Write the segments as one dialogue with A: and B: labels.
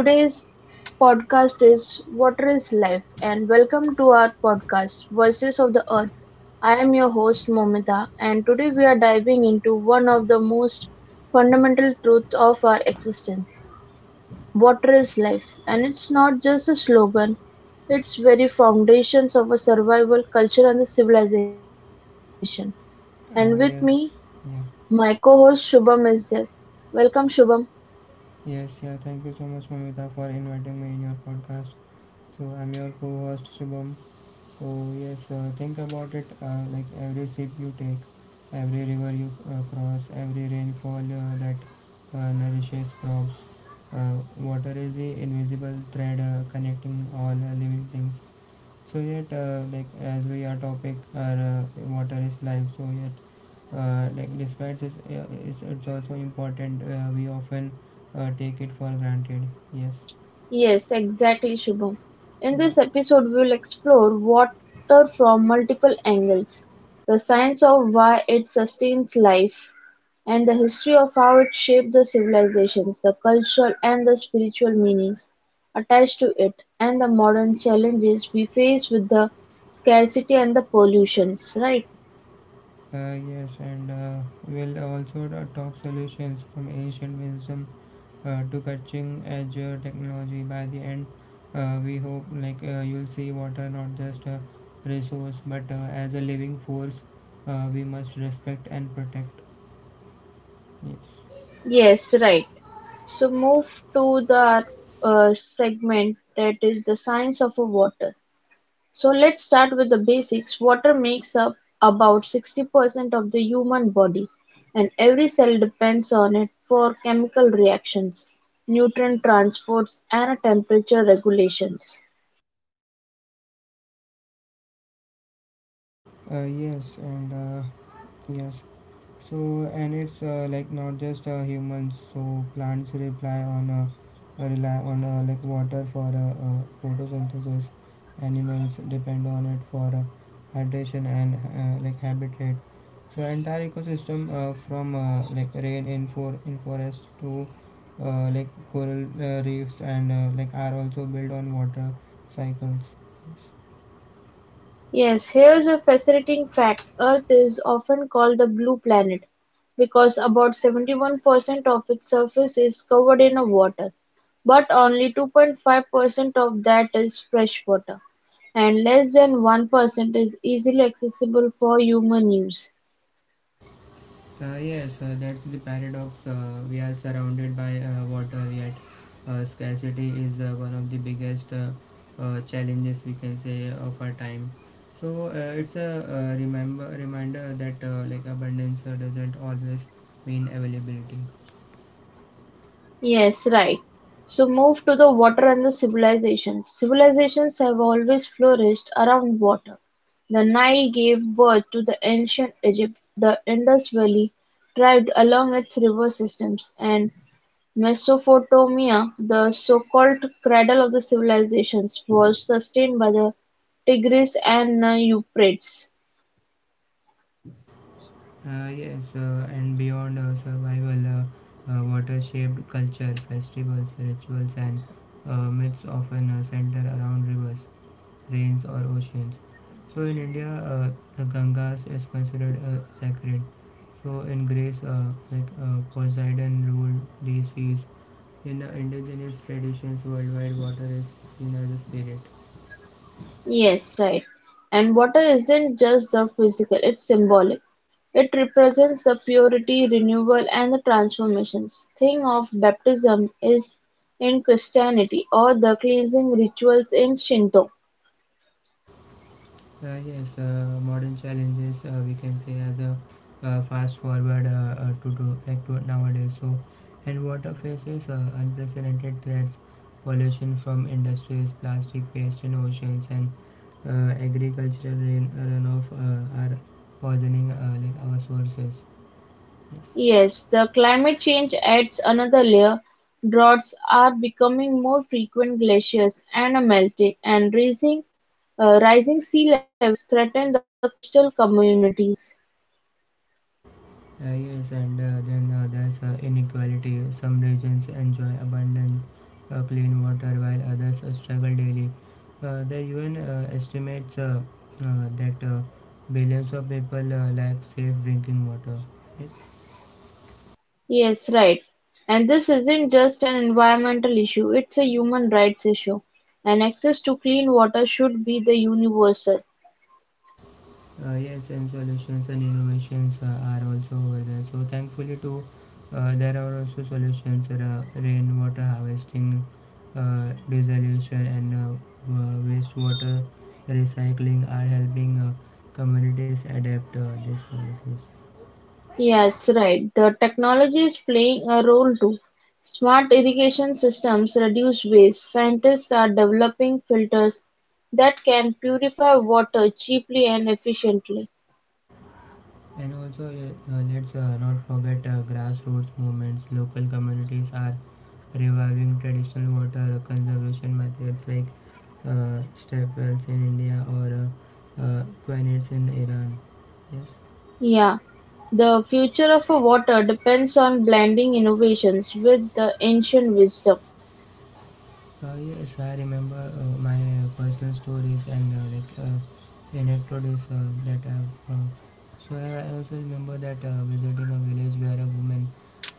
A: Today's podcast is Water is Life, and welcome to our podcast, Voices of the Earth. I am your host, Momita, and today we are diving into one of the most fundamental truths of our existence water is life. And it's not just a slogan, it's very foundations of a survival culture and the civilization. And with me,
B: Uh, yes,
A: my co
B: yeah,
A: host Shubham is there. Welcome, Shubham.
B: yes, yeah. Thank you so much, Mamita, for inviting me in your podcast. So I'm your co-host Shubham. So yes, think about it. Like every sip you take, every river you cross, every rainfall that nourishes crops. Water is the invisible thread connecting all living things. Like as we are, topic our water is life. Like despite this, it's also important. We often take it for granted. Yes.
A: Yes, exactly, Shubham. In
B: Yeah.
A: this episode, we will explore water from multiple angles the science of why it sustains life, and the history of how it shaped the civilizations, the cultural and the spiritual meanings attached to it, and the modern challenges we face with the scarcity and the pollutions. Right?
B: Yes, and we'll also talk solutions from ancient wisdom to catching edge technology. By the end, we hope like you'll see water not just a resource, but as a living force, we must respect and protect. Yes.
A: Yes, right. So, move to the segment that is the science of a water. So let's start with the basics. Water makes up about 60% of the human body, and every cell depends on it for chemical reactions, nutrient transports, and temperature regulations.
B: Yes, and Yes. And it's like not just humans. So plants rely on like water for photosynthesis. Animals depend on it for hydration and like habitat. So entire ecosystem from like rain in for in forest to like coral reefs and like are also built on water cycles.
A: Yes, here's a fascinating fact. Earth is often called the blue planet because about 71% of its surface is covered in a water, but only 2.5% of that is fresh water, and less than 1% is easily accessible for human use.
B: Yes, that's the paradox. We are surrounded by water, yet scarcity is one of the biggest challenges we can say of our time. It's a remember reminder that like abundance doesn't always mean availability.
A: Yes, right. So move to the water and the civilizations. Civilizations have always flourished around water. The Nile gave birth to the ancient Egypt. The Indus Valley thrived along its river systems, and Mesopotamia, the so-called cradle of the civilizations, was sustained by the Tigris and the Euphrates.
B: Yes, and beyond Survival, water-shaped culture, festivals, rituals, and myths often center around rivers, rains, or oceans. So in India, the Gangas is considered sacred. So in Greece, Poseidon ruled these seas. In the indigenous traditions worldwide, water is seen as a spirit.
A: Yes, right. And water isn't just the physical, it's symbolic. It represents the purity, renewal, and the transformations. Thing of baptism is in Christianity or the cleansing rituals in Shinto.
B: Uh, yes, uh, Modern challenges we can say as a fast forward to do like to nowadays. And water faces unprecedented threats, pollution from industries, plastic waste in oceans, and agricultural rain runoff are poisoning like our sources.
A: Yes, the climate change adds another layer. Droughts are becoming more frequent, glaciers and are melting, and raising, rising sea levels threaten the coastal communities.
B: Yes, and then There's inequality. Some regions enjoy abundant clean water while others struggle daily. The UN estimates that billions of people lack safe drinking water. Yes.
A: Yes, right. And this isn't just an environmental issue, it's a human rights issue. And access to clean water should be the universal.
B: Yes, and solutions and innovations are also over there. So thankfully, too, there are also solutions: rainwater harvesting, desalination, and wastewater recycling are helping communities adapt these policies.
A: Yes, right. The technology is playing a role too. Smart irrigation systems reduce waste. Scientists are developing filters that can purify water cheaply and efficiently.
B: And also, yeah, let's not forget grassroots movements. Local communities are reviving traditional water conservation methods like uh, step wells in India or aquanets in Iran. Yes.
A: Yeah. The future of water depends on blending innovations with the ancient wisdom.
B: Yes, I remember my personal stories and anecdotes that I've. So I also remember that visiting a village where a woman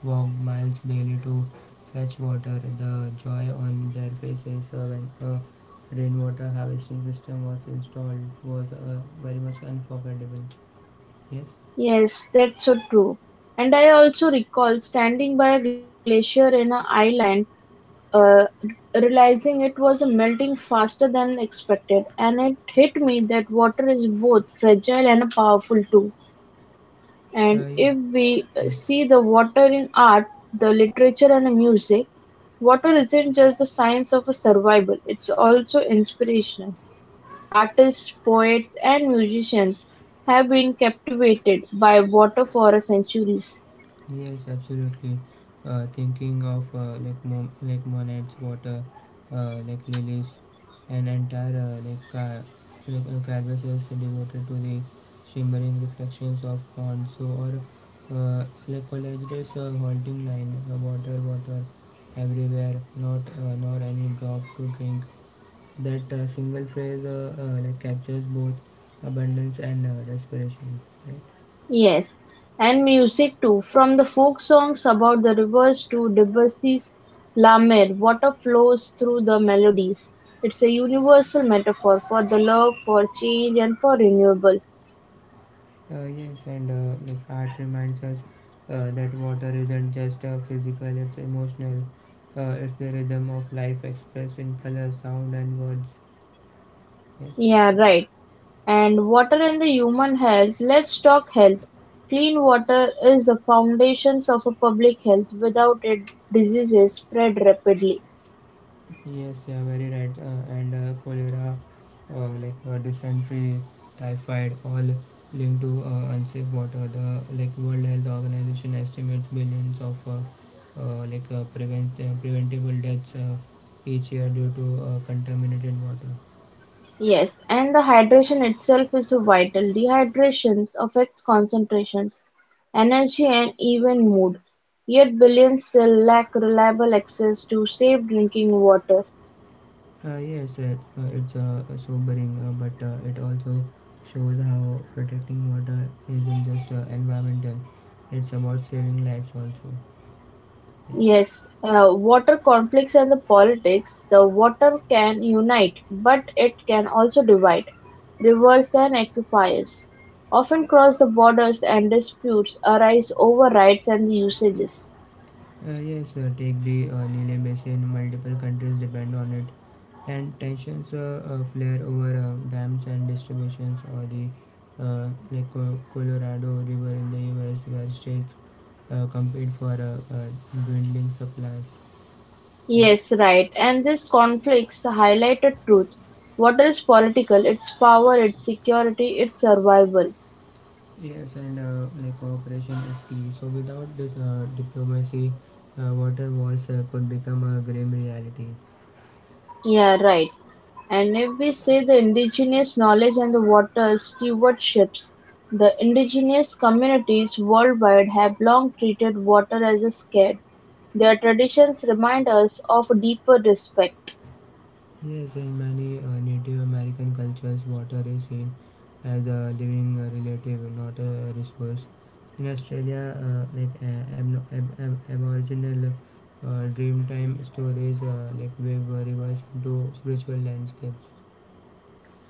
B: walked miles daily to fetch water. The joy on their faces when a rainwater harvesting system was installed was very much unforgettable. Yes.
A: Yes, that's so true. And I also recall standing by a glacier in an island, uh, realizing it was melting faster than expected, and it hit me that water is both fragile and powerful too. And
B: Uh,
A: if we
B: yes.
A: see the water in art, the literature, and music, water isn't just the science of a survival; it's also inspirational. Artists, poets and musicians have been captivated by water for centuries.
B: Yes, absolutely. Thinking of Monet's water, like lilies, an entire canvas is devoted to the shimmering reflections of pond. So or Like college is a halting line, water, water, everywhere. Not Nor any drop to drink. That Single phrase like captures both abundance and desperation. Right?
A: Yes, and music too, from the folk songs about the rivers to Debussy's La Mer, water flows through the melodies. It's a universal metaphor for the love, for change, and for renewal.
B: Yes, and Like art reminds us that water isn't just physical, it's emotional. It's the rhythm of life expressed in color, sound, and words. Yes,
A: Yeah, right. And water and the human health. Let's talk health. Clean water is the foundations of a public health. Without it, diseases spread rapidly.
B: yes, yeah, Very right. And Cholera, dysentery, typhoid, all linked to unsafe water. The like World Health Organization estimates billions of preventable deaths each year due to contaminated water.
A: Yes, and the hydration itself is so vital. Dehydration affects concentrations, energy, and even mood. Yet billions still lack reliable access to safe drinking water.
B: It's sobering, but it also shows how protecting water isn't just environmental, it's about saving lives also. Yes.
A: Yes, water conflicts and the politics. The water can unite, but it can also divide. Rivers and aquifers often cross the borders, and disputes arise over rights and the usages.
B: Yes, Take the Nile Basin, multiple countries depend on it, and tensions flare over dams and distributions, or the Colorado River in the US, where states compete for dwindling supplies.
A: Yes,
B: Yes.
A: right. And these conflicts highlight a truth. Water is political, its power, its security, its survival.
B: Yes, and Like cooperation is key. So without this diplomacy, water wars could become a grim reality.
A: Yeah, right. And if we say the indigenous knowledge and the water stewardships, the indigenous communities worldwide have long treated water as a scarce. Their traditions remind us of a deeper respect.
B: Yes, in many Native American cultures, water is seen as a living relative, not a resource. In Australia, aboriginal dreamtime stories like wave rivers into spiritual landscapes.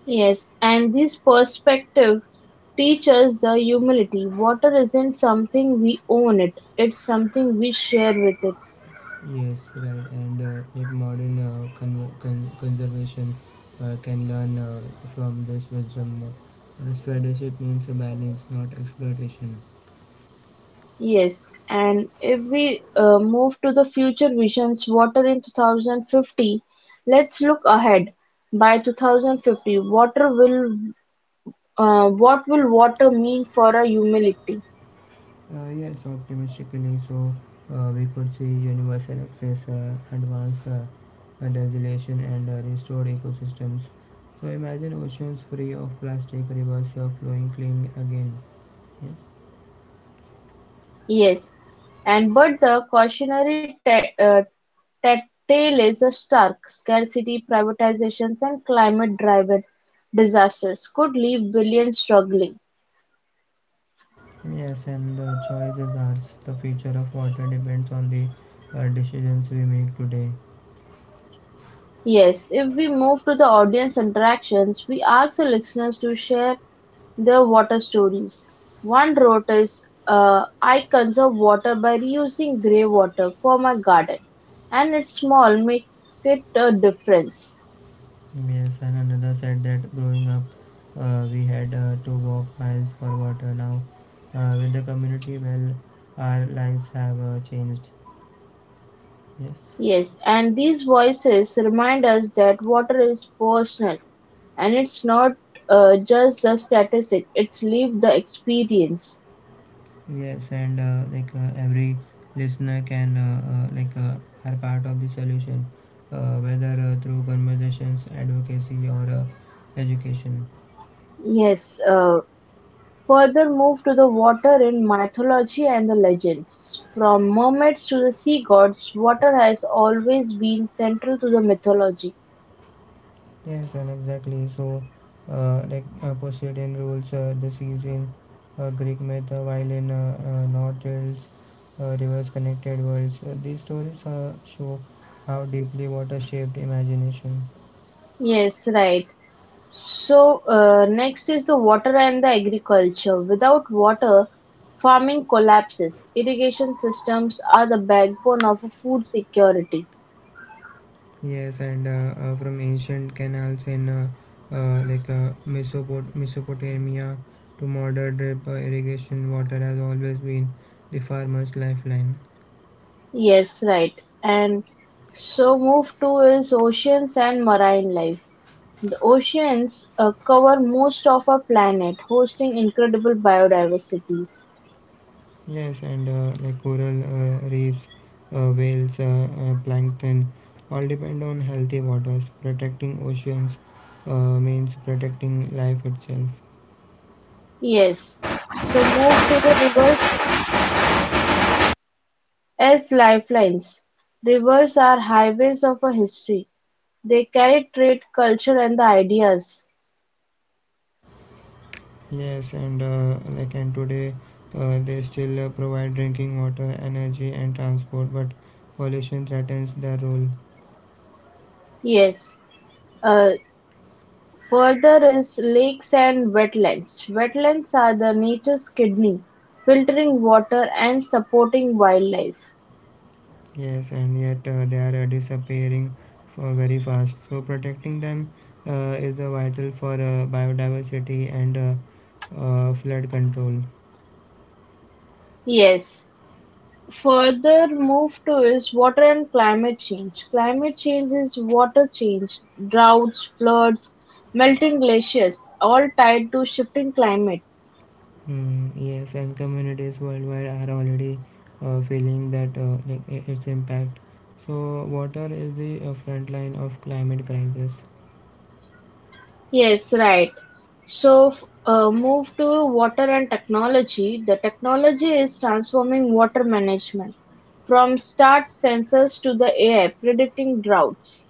A: Yes, and this perspective teaches the humility. Water isn't something we own it, it's something we share with it.
B: Yes, right. And like modern conservation can learn from this wisdom. Stewardship means a balance, not exploitation.
A: Yes, and if we move to the future visions, water in 2050, let's look ahead. By 2050, water will what will water mean for a humility?
B: Yes, Optimistically, we could see universal access, advanced desolation, and restored ecosystems. So imagine oceans free of plastic, rivers flowing clean again. Yeah.
A: Yes, and but the cautionary tale is a stark scarcity, privatizations, and climate-driven disasters could leave billions struggling.
B: Yes, and the choice is ours. The future of water depends on the decisions we make today.
A: Yes, if we move to the audience interactions, we ask the listeners to share their water stories. One wrote is, I conserve water by reusing grey water for my garden, and it's small, make it a difference.
B: Yes, and another said that growing up, we had to walk miles for water. Now, with the community, well, our lives have changed. Yes,
A: Yes, and these voices remind us that water is personal and it's not just the statistic, it's live the experience.
B: yes, and Like every listener can uh, like uh, are part of the solution, whether through conversations, advocacy, or education.
A: Yes, Further move to the water in mythology and the legends. From mermaids to the sea gods, water has always been central to the mythology.
B: Yes, and exactly. Poseidon rules the season, Greek myth, while in North Wales, rivers connected worlds. These stories show how deeply water shaped imagination.
A: Yes, right. So, next is the water and the agriculture. Without water, farming collapses. Irrigation systems are the backbone of a food security.
B: Yes, and From ancient canals in Mesopotamia to modern drip irrigation, water has always been the farmer's lifeline.
A: Yes, right. And so, move to is oceans and marine life. The oceans cover most of our planet, hosting incredible biodiversities.
B: Yes, and like coral reefs, whales, plankton all depend on healthy waters. Protecting oceans means protecting life itself.
A: Yes, so move to the rivers as lifelines. Rivers are highways of our history. They carry trade, culture, and the ideas.
B: Yes, and today they still provide drinking water, energy, and transport, but pollution threatens their role.
A: Yes. Uh, Further is lakes and wetlands. Wetlands are the nature's kidney, filtering water and supporting wildlife.
B: Yes, and yet they are disappearing for very fast. So protecting them is vital for biodiversity and flood control.
A: Yes. Further move-to is water and climate change. Climate change is water change, droughts, floods, melting glaciers, all tied to shifting climate.
B: Mm, yes, and communities worldwide are already feeling that its impact. So water is the front line of climate crisis.
A: Yes, right. So, move to water and technology. The technology is transforming water management from start sensors to the AI predicting droughts.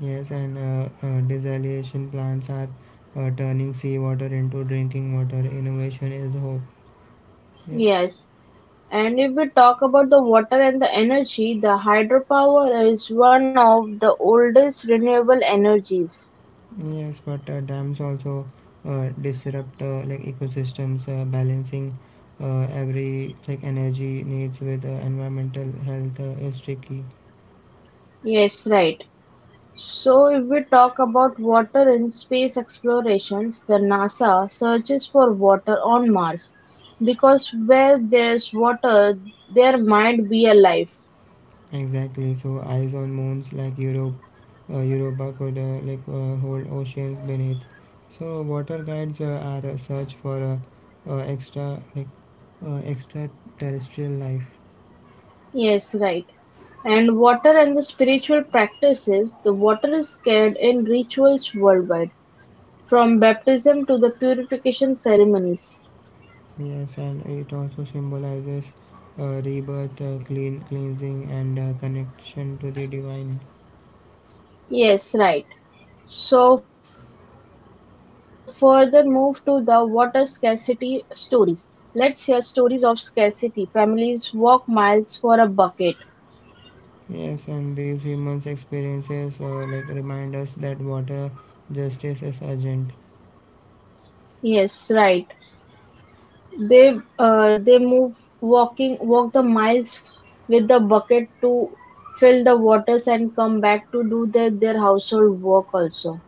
B: Yes, and desalination plants are turning seawater into drinking water. Innovation is hope. Yes.
A: Yes. And if we talk about the water and the energy, the hydropower is one of the oldest renewable energies.
B: Yes, but dams also disrupt like ecosystems, balancing every like energy needs with environmental health is tricky.
A: Yes, right. So, if we talk about water in space explorations, the NASA searches for water on Mars because where there's water, there might be a life.
B: Exactly. So eyes on moons like Europe, Europa could hold oceans beneath. So water guides are a search for uh, extra like extraterrestrial life.
A: Yes, right. And water and the spiritual practices, the water is scared in rituals worldwide, from baptism to the purification ceremonies.
B: Yes, and it also symbolizes rebirth, cleansing, and connection to the divine.
A: Yes, right. So, further move to the water scarcity stories. Let's hear stories of scarcity. Families walk miles for a bucket.
B: Yes, and these humans experiences like remind us that water justice is urgent.
A: Yes, right. They move walking walk the miles with the bucket to fill the waters and come back to do their household work also.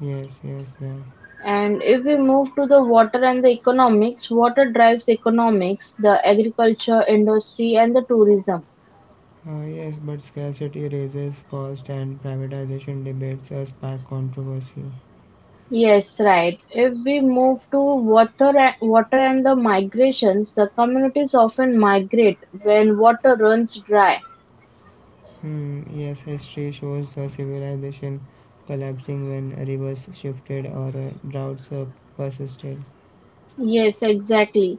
B: Yes, yes, yeah.
A: And if we move to the water and the economics, water drives economics, the agriculture industry and the tourism.
B: Yes, but scarcity raises cost and privatization debates spark controversy.
A: Yes, right. If we move to water and the migrations, the communities often migrate when water runs dry.
B: Hmm, yes, history shows the civilization collapsing when rivers shifted or droughts persisted.
A: Yes, exactly.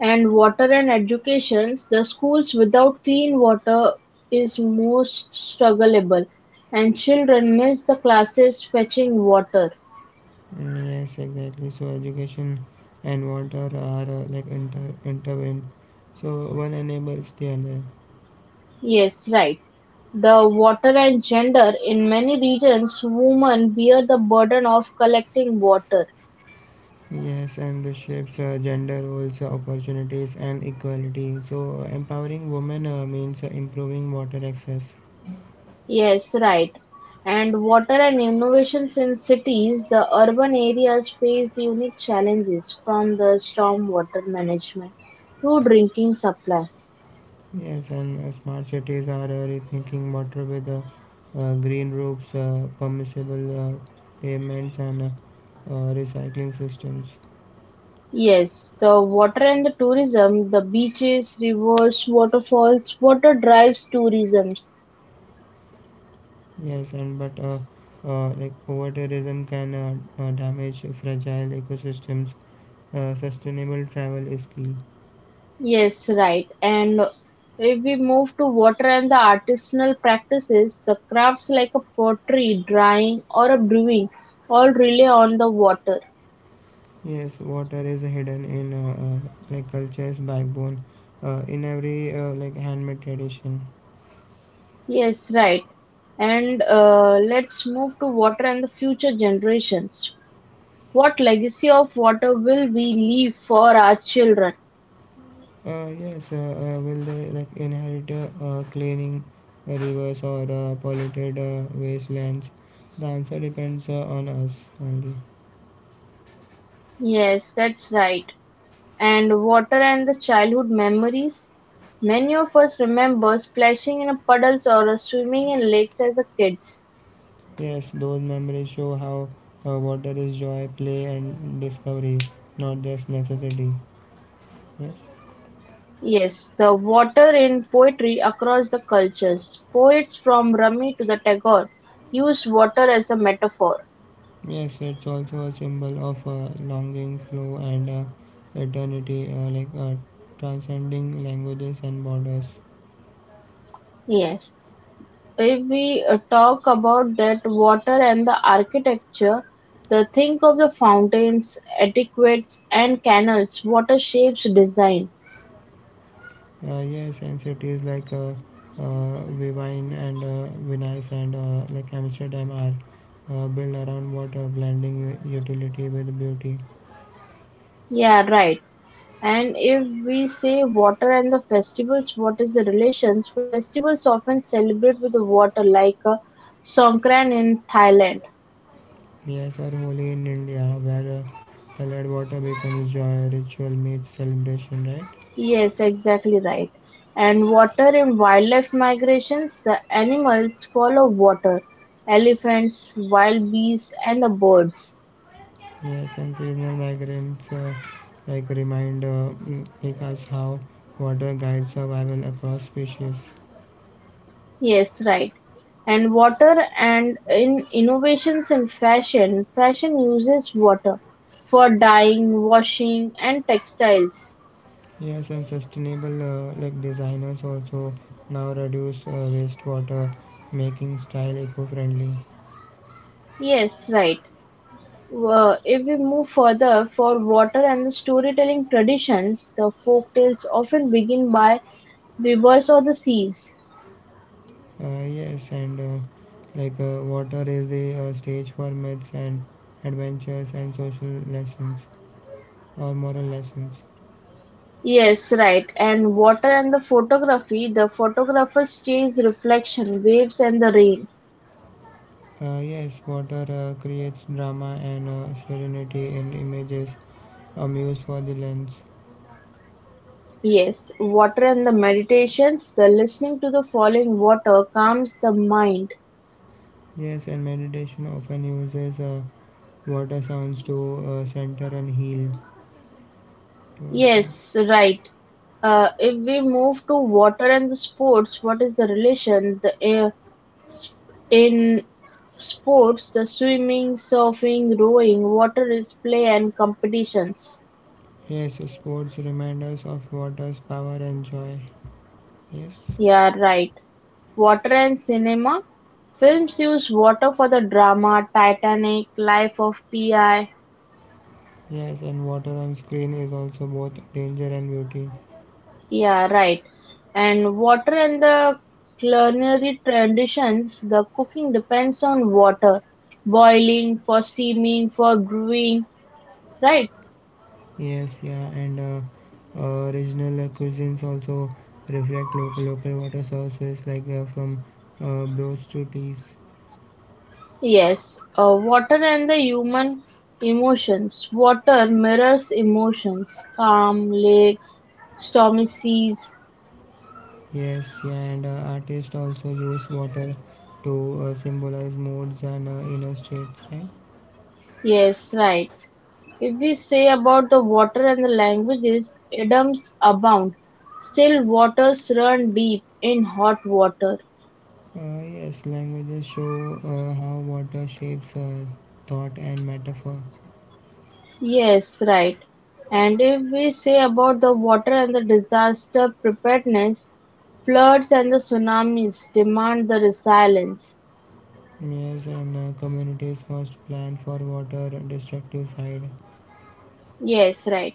A: And water and educations, the schools without clean water is most struggleable, and children miss the classes fetching water.
B: Mm, yes, exactly. So education and water are intertwined. So one enables the other.
A: Yes, right. The water and gender in many regions, women bear the burden of collecting water.
B: Yes, and this shapes gender roles, opportunities, and equality. Empowering women means improving water access.
A: Yes, right. And water and innovations in cities, the urban areas face unique challenges from the stormwater management to drinking supply.
B: Yes, and smart cities are rethinking water with green roofs, permissible pavements, and recycling systems.
A: Yes, the water and the tourism, the beaches, rivers, waterfalls, water drives tourism.
B: Yes, and but Like over tourism can damage fragile ecosystems. Sustainable travel is key.
A: Yes, right. And if we move to water and the artisanal practices, the crafts like a pottery, drying, or a brewing all rely on the water.
B: Yes, water is hidden in like culture's backbone, in every like handmade tradition.
A: Yes, right. And let's move to water and the future generations. What legacy of water will we leave for our children?
B: Yes, will they like inherit cleaning rivers or polluted wastelands? The answer depends on us only.
A: Yes, that's right. And water and the childhood memories. Many of us remember splashing in a puddles or swimming in lakes as a kids.
B: Yes, those memories show how water is joy, play, and discovery, not just necessity. Yes,
A: Yes, the water in poetry across the cultures. Poets from Rumi to the Tagore use water as a metaphor.
B: yes, it's also a symbol of longing, flow, and eternity, transcending languages and borders.
A: Yes. If we talk about that water and the architecture, the think of the fountains, aqueducts, and canals, water shapes design.
B: Yes, and cities like Vivine and Venice and like Amsterdam are built around water, blending utility with beauty.
A: Yeah, right. And if we say water and the festivals, what is the relations? Festivals often celebrate with the water, like Songkran in Thailand.
B: Miyas are holy in India, where colored water becomes joy, ritual, meets celebration, right?
A: Yes, exactly right. And water in wildlife migrations, the animals follow water. Elephants, wild beasts, and the birds.
B: Yes, and seasonal migrants like remind like us how water guides survival across species.
A: Yes, right. And water and in innovations in fashion, fashion uses water for dyeing, washing, and textiles.
B: Yes, and sustainable like designers also now reduce wastewater, making style eco-friendly.
A: Yes, right. If we move further for water and the storytelling traditions, the folk tales often begin by rivers or the seas.
B: Yes, and Like water is the stage for myths and adventures and social lessons, or moral lessons.
A: Yes, right. And water and the photography, the photographers chase reflection, waves and the rain.
B: Yes, water creates drama and serenity in images, a muse for the lens.
A: Yes, water and the meditations, the listening to the falling water calms the mind.
B: Yes, and meditation often uses water sounds to center and heal to ourselves.
A: Yes, right. If we move to water and the sports, what is the relation? Sp- in sports, the swimming, surfing, rowing, water is play and competitions.
B: Yes, sports remind us of water's power and joy. Yes,
A: Yeah, right. Water and cinema: Films use water for the drama "Titanic", "Life of Pi".
B: yes, and water on screen is also both danger and beauty.
A: Yeah, right. And water and the culinary traditions, the cooking depends on water. Boiling, for steaming, for brewing, right?
B: Yes, yeah, and regional cuisines also reflect local local water sources like from broths to teas.
A: Yes. Water and the human emotions. Water mirrors emotions. Calm lakes, stormy seas.
B: Yes, yeah, and artists also use water to symbolize moods and inner states, right?
A: Yes, right. If we say about the water and the languages, idioms abound. Still waters run deep in hot water.
B: Yes, languages show how water shapes thought and metaphor.
A: Yes, right. And if we say about the water and the disaster preparedness, floods and the tsunamis demand the resilience.
B: Yes, and communities must plan for water destructive side.
A: Yes, right.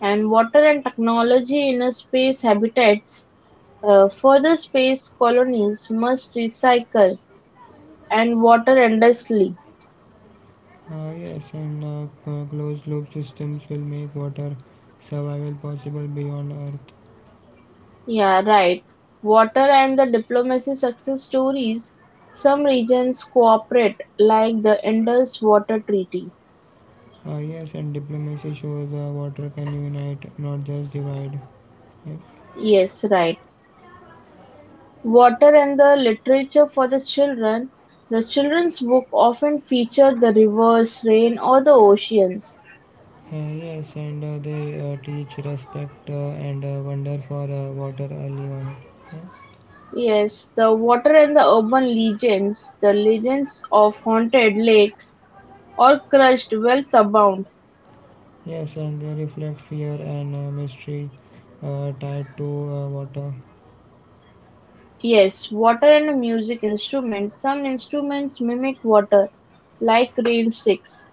A: And water and technology in a space habitats, further space colonies must recycle and water endlessly.
B: Yes, closed loop systems will make water survival possible beyond Earth.
A: Yeah, right. Water and the diplomacy success stories. Some regions cooperate, like the Indus Water Treaty.
B: Yes, and diplomacy shows water can unite, not just divide. Yes,
A: Yes, right. Water and the literature for the children. The children's book often feature the rivers, rain, or the oceans.
B: yes, and they teach respect and wonder for water early on. Yes,
A: Yes, the water and the urban legends. The legends of haunted lakes or crushed wells abound.
B: yes, and they reflect fear and mystery tied to water.
A: Yes, water and a music instrument. Some instruments mimic water, like rain sticks.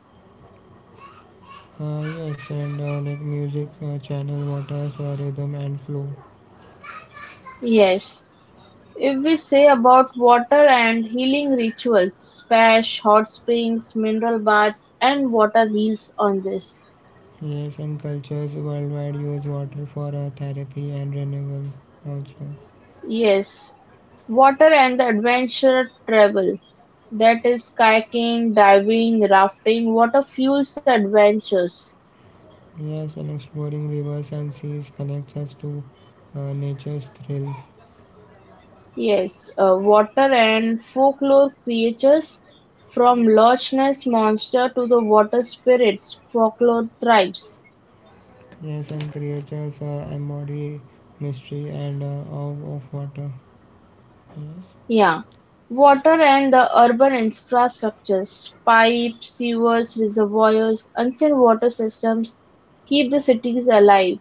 B: Yes, and like music channel water's rhythm and flow.
A: Yes. If we say about water and healing rituals, splash, hot springs, mineral baths, and water heals on this.
B: Yes, and cultures worldwide use water for therapy and renewal also.
A: Yes. Water and the adventure travel. That is kayaking, diving, rafting. Water fuels adventures.
B: Yes, and exploring rivers and seas connects us to nature's thrill.
A: Yes, water and folklore creatures from Loch Ness monster to the water spirits, folklore tribes.
B: Yes, and creatures embody mystery and awe of water. Yes,
A: Yeah, water and the urban infrastructures, pipes, sewers, reservoirs, ancient water systems keep the cities alive.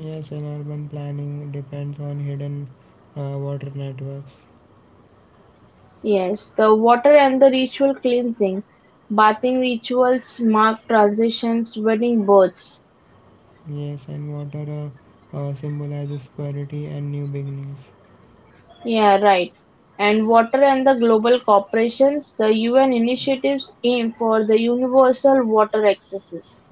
B: yes, and urban planning depends on hidden water networks.
A: Yes, the water and the ritual cleansing, bathing rituals mark transitions, wedding births.
B: Yes, and water symbolizes purity and new beginnings.
A: Yeah, right. And water and the global corporations, the UN initiatives aim for the universal water accesses.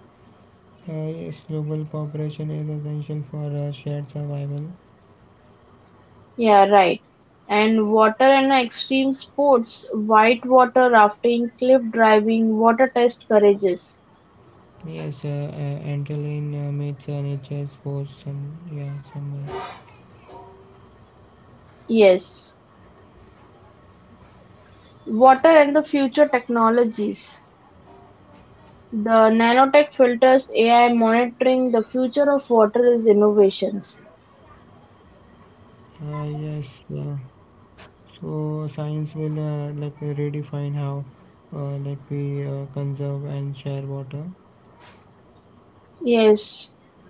B: Yes, global cooperation is essential for shared survival.
A: Yeah, right. And water and extreme sports, white water rafting, cliff diving, water test courages.
B: Yes, Antolin meets nature sports some yeah somewhere.
A: Yes. Water and the future technologies. The nanotech filters, AI monitoring, the future of water is innovations.
B: Uh, yes, yeah. So science will redefine how like we conserve and share water.
A: Yes,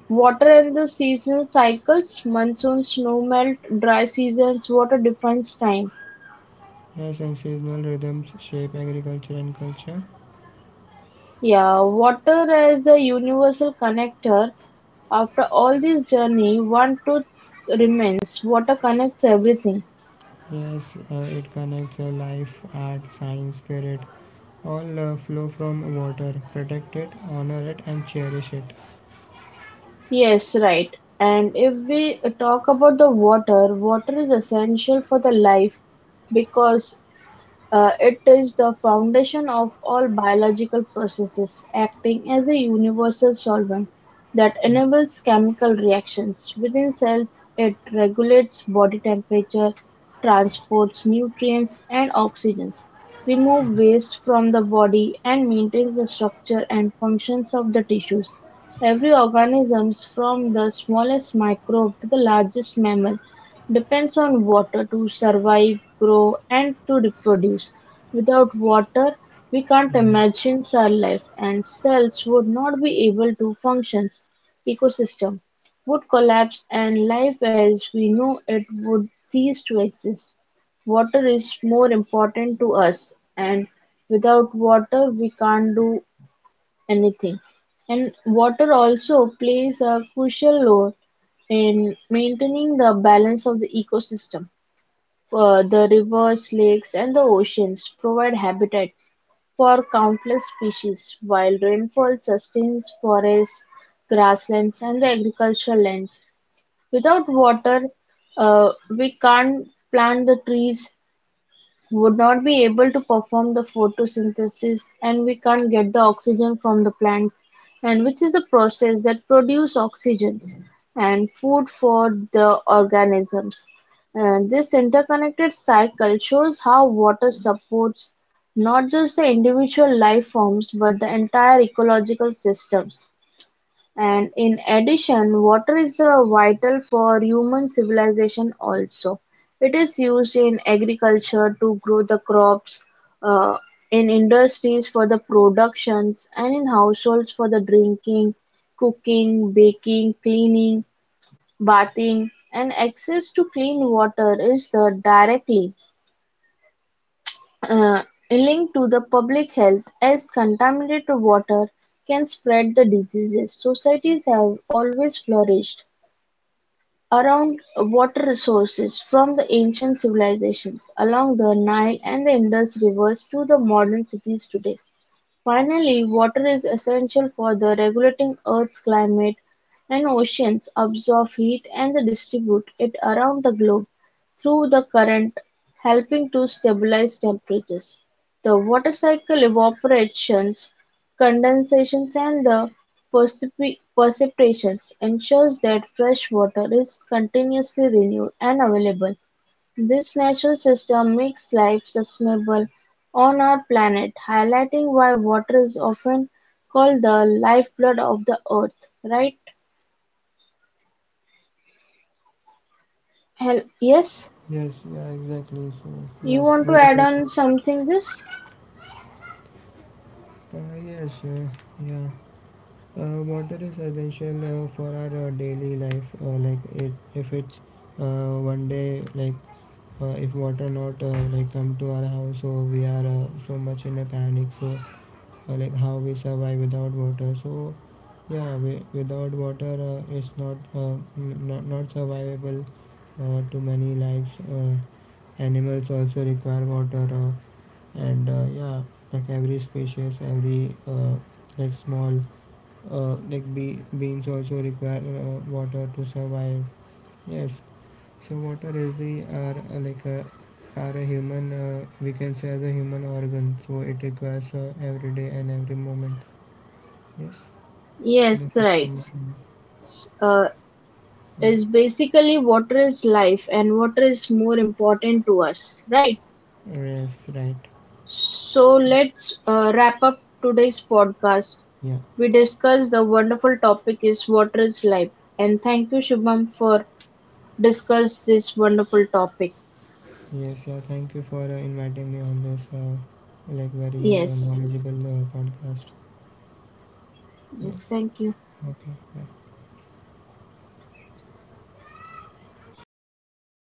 A: water and the season cycles, monsoon, snow melt, dry seasons, water defines time.
B: Yes, and seasonal rhythms shape agriculture and culture.
A: Yeah, water as a universal connector. After all this journey, one truth remains water connects everything.
B: Yes, it connects life, art, science, spirit. All flow from water. Protect it, honor it, and cherish it.
A: Yes, right. And if we talk about the water, water is essential for the life because it is the foundation of all biological processes, acting as a universal solvent that enables chemical reactions within cells. It regulates body temperature, transports nutrients and oxygen, removes
B: Yes,
A: waste from the body, and maintains the structure and functions of the tissues. Every organism, from the smallest microbe to the largest mammal, depends on water to survive, grow, and to reproduce. Without water, we can't
B: yes,
A: imagine cell life, and cells would not be able to function. Ecosystem would collapse, and life as we know it would cease to exist. Water is more important to us, and without water, we can't do anything. And water also plays a crucial role in maintaining the balance of the ecosystem. The rivers, lakes, and the oceans provide habitats for countless species, while rainfall sustains forests, grasslands, and the agricultural lands. Without water, uh, we can't plant the trees, would not be able to perform the photosynthesis and we can't get the oxygen from the plants and which is a process that produce oxygens and food for the organisms and this interconnected cycle shows how water supports not just the individual life forms but the entire ecological systems and in addition, water is vital for human civilization also. It is used in agriculture to grow the crops, uh, in industries for the productions, and in households for the drinking, cooking, baking, cleaning, bathing. And access to clean water is the directly uh, linked to the public health as contaminated water can spread the diseases. Societies have always flourished around water resources from the ancient civilizations along the Nile and the Indus rivers to the modern cities today. Finally, water is essential for the regulating Earth's climate, and oceans absorb heat and distribute it around the globe through the current, helping to stabilize temperatures. The water cycle evaporation, condensation, and the precipitation ensures that fresh water is continuously renewed and available this natural system makes life sustainable on our planet, highlighting why water is often called the lifeblood of the earth, right? Yes,
B: Yes, exactly.
A: you want to
B: Very
A: add
B: well said.
A: on something this?
B: Uh, yes, uh, yeah. Water is essential for our daily life. If it's one day, like if water not like come to our house, so we are so much in a panic. So, like how we survive without water? So, yeah, we, without water, it's not not survivable to many lives. Uh, Animals also require water, and yeah, like every species, every like small like bee, beans also require water to survive. Yes, so water is the are like a are a human we can say as a human organ. So it requires every day and every moment. Yes, this
A: Yes,
B: is
A: right.
B: from
A: Uh,
B: yeah.
A: is basically water is life and water is more important to us, right?
B: Yes, right.
A: So let's wrap up today's podcast.
B: Yeah.
A: We discussed the wonderful topic is water is life. And thank you, Shubham, for discuss this wonderful topic.
B: Yes, thank you for inviting me on this like very
A: Yes,
B: knowledgeable podcast.
A: yes,
B: Yes,
A: thank you.
B: okay, bye.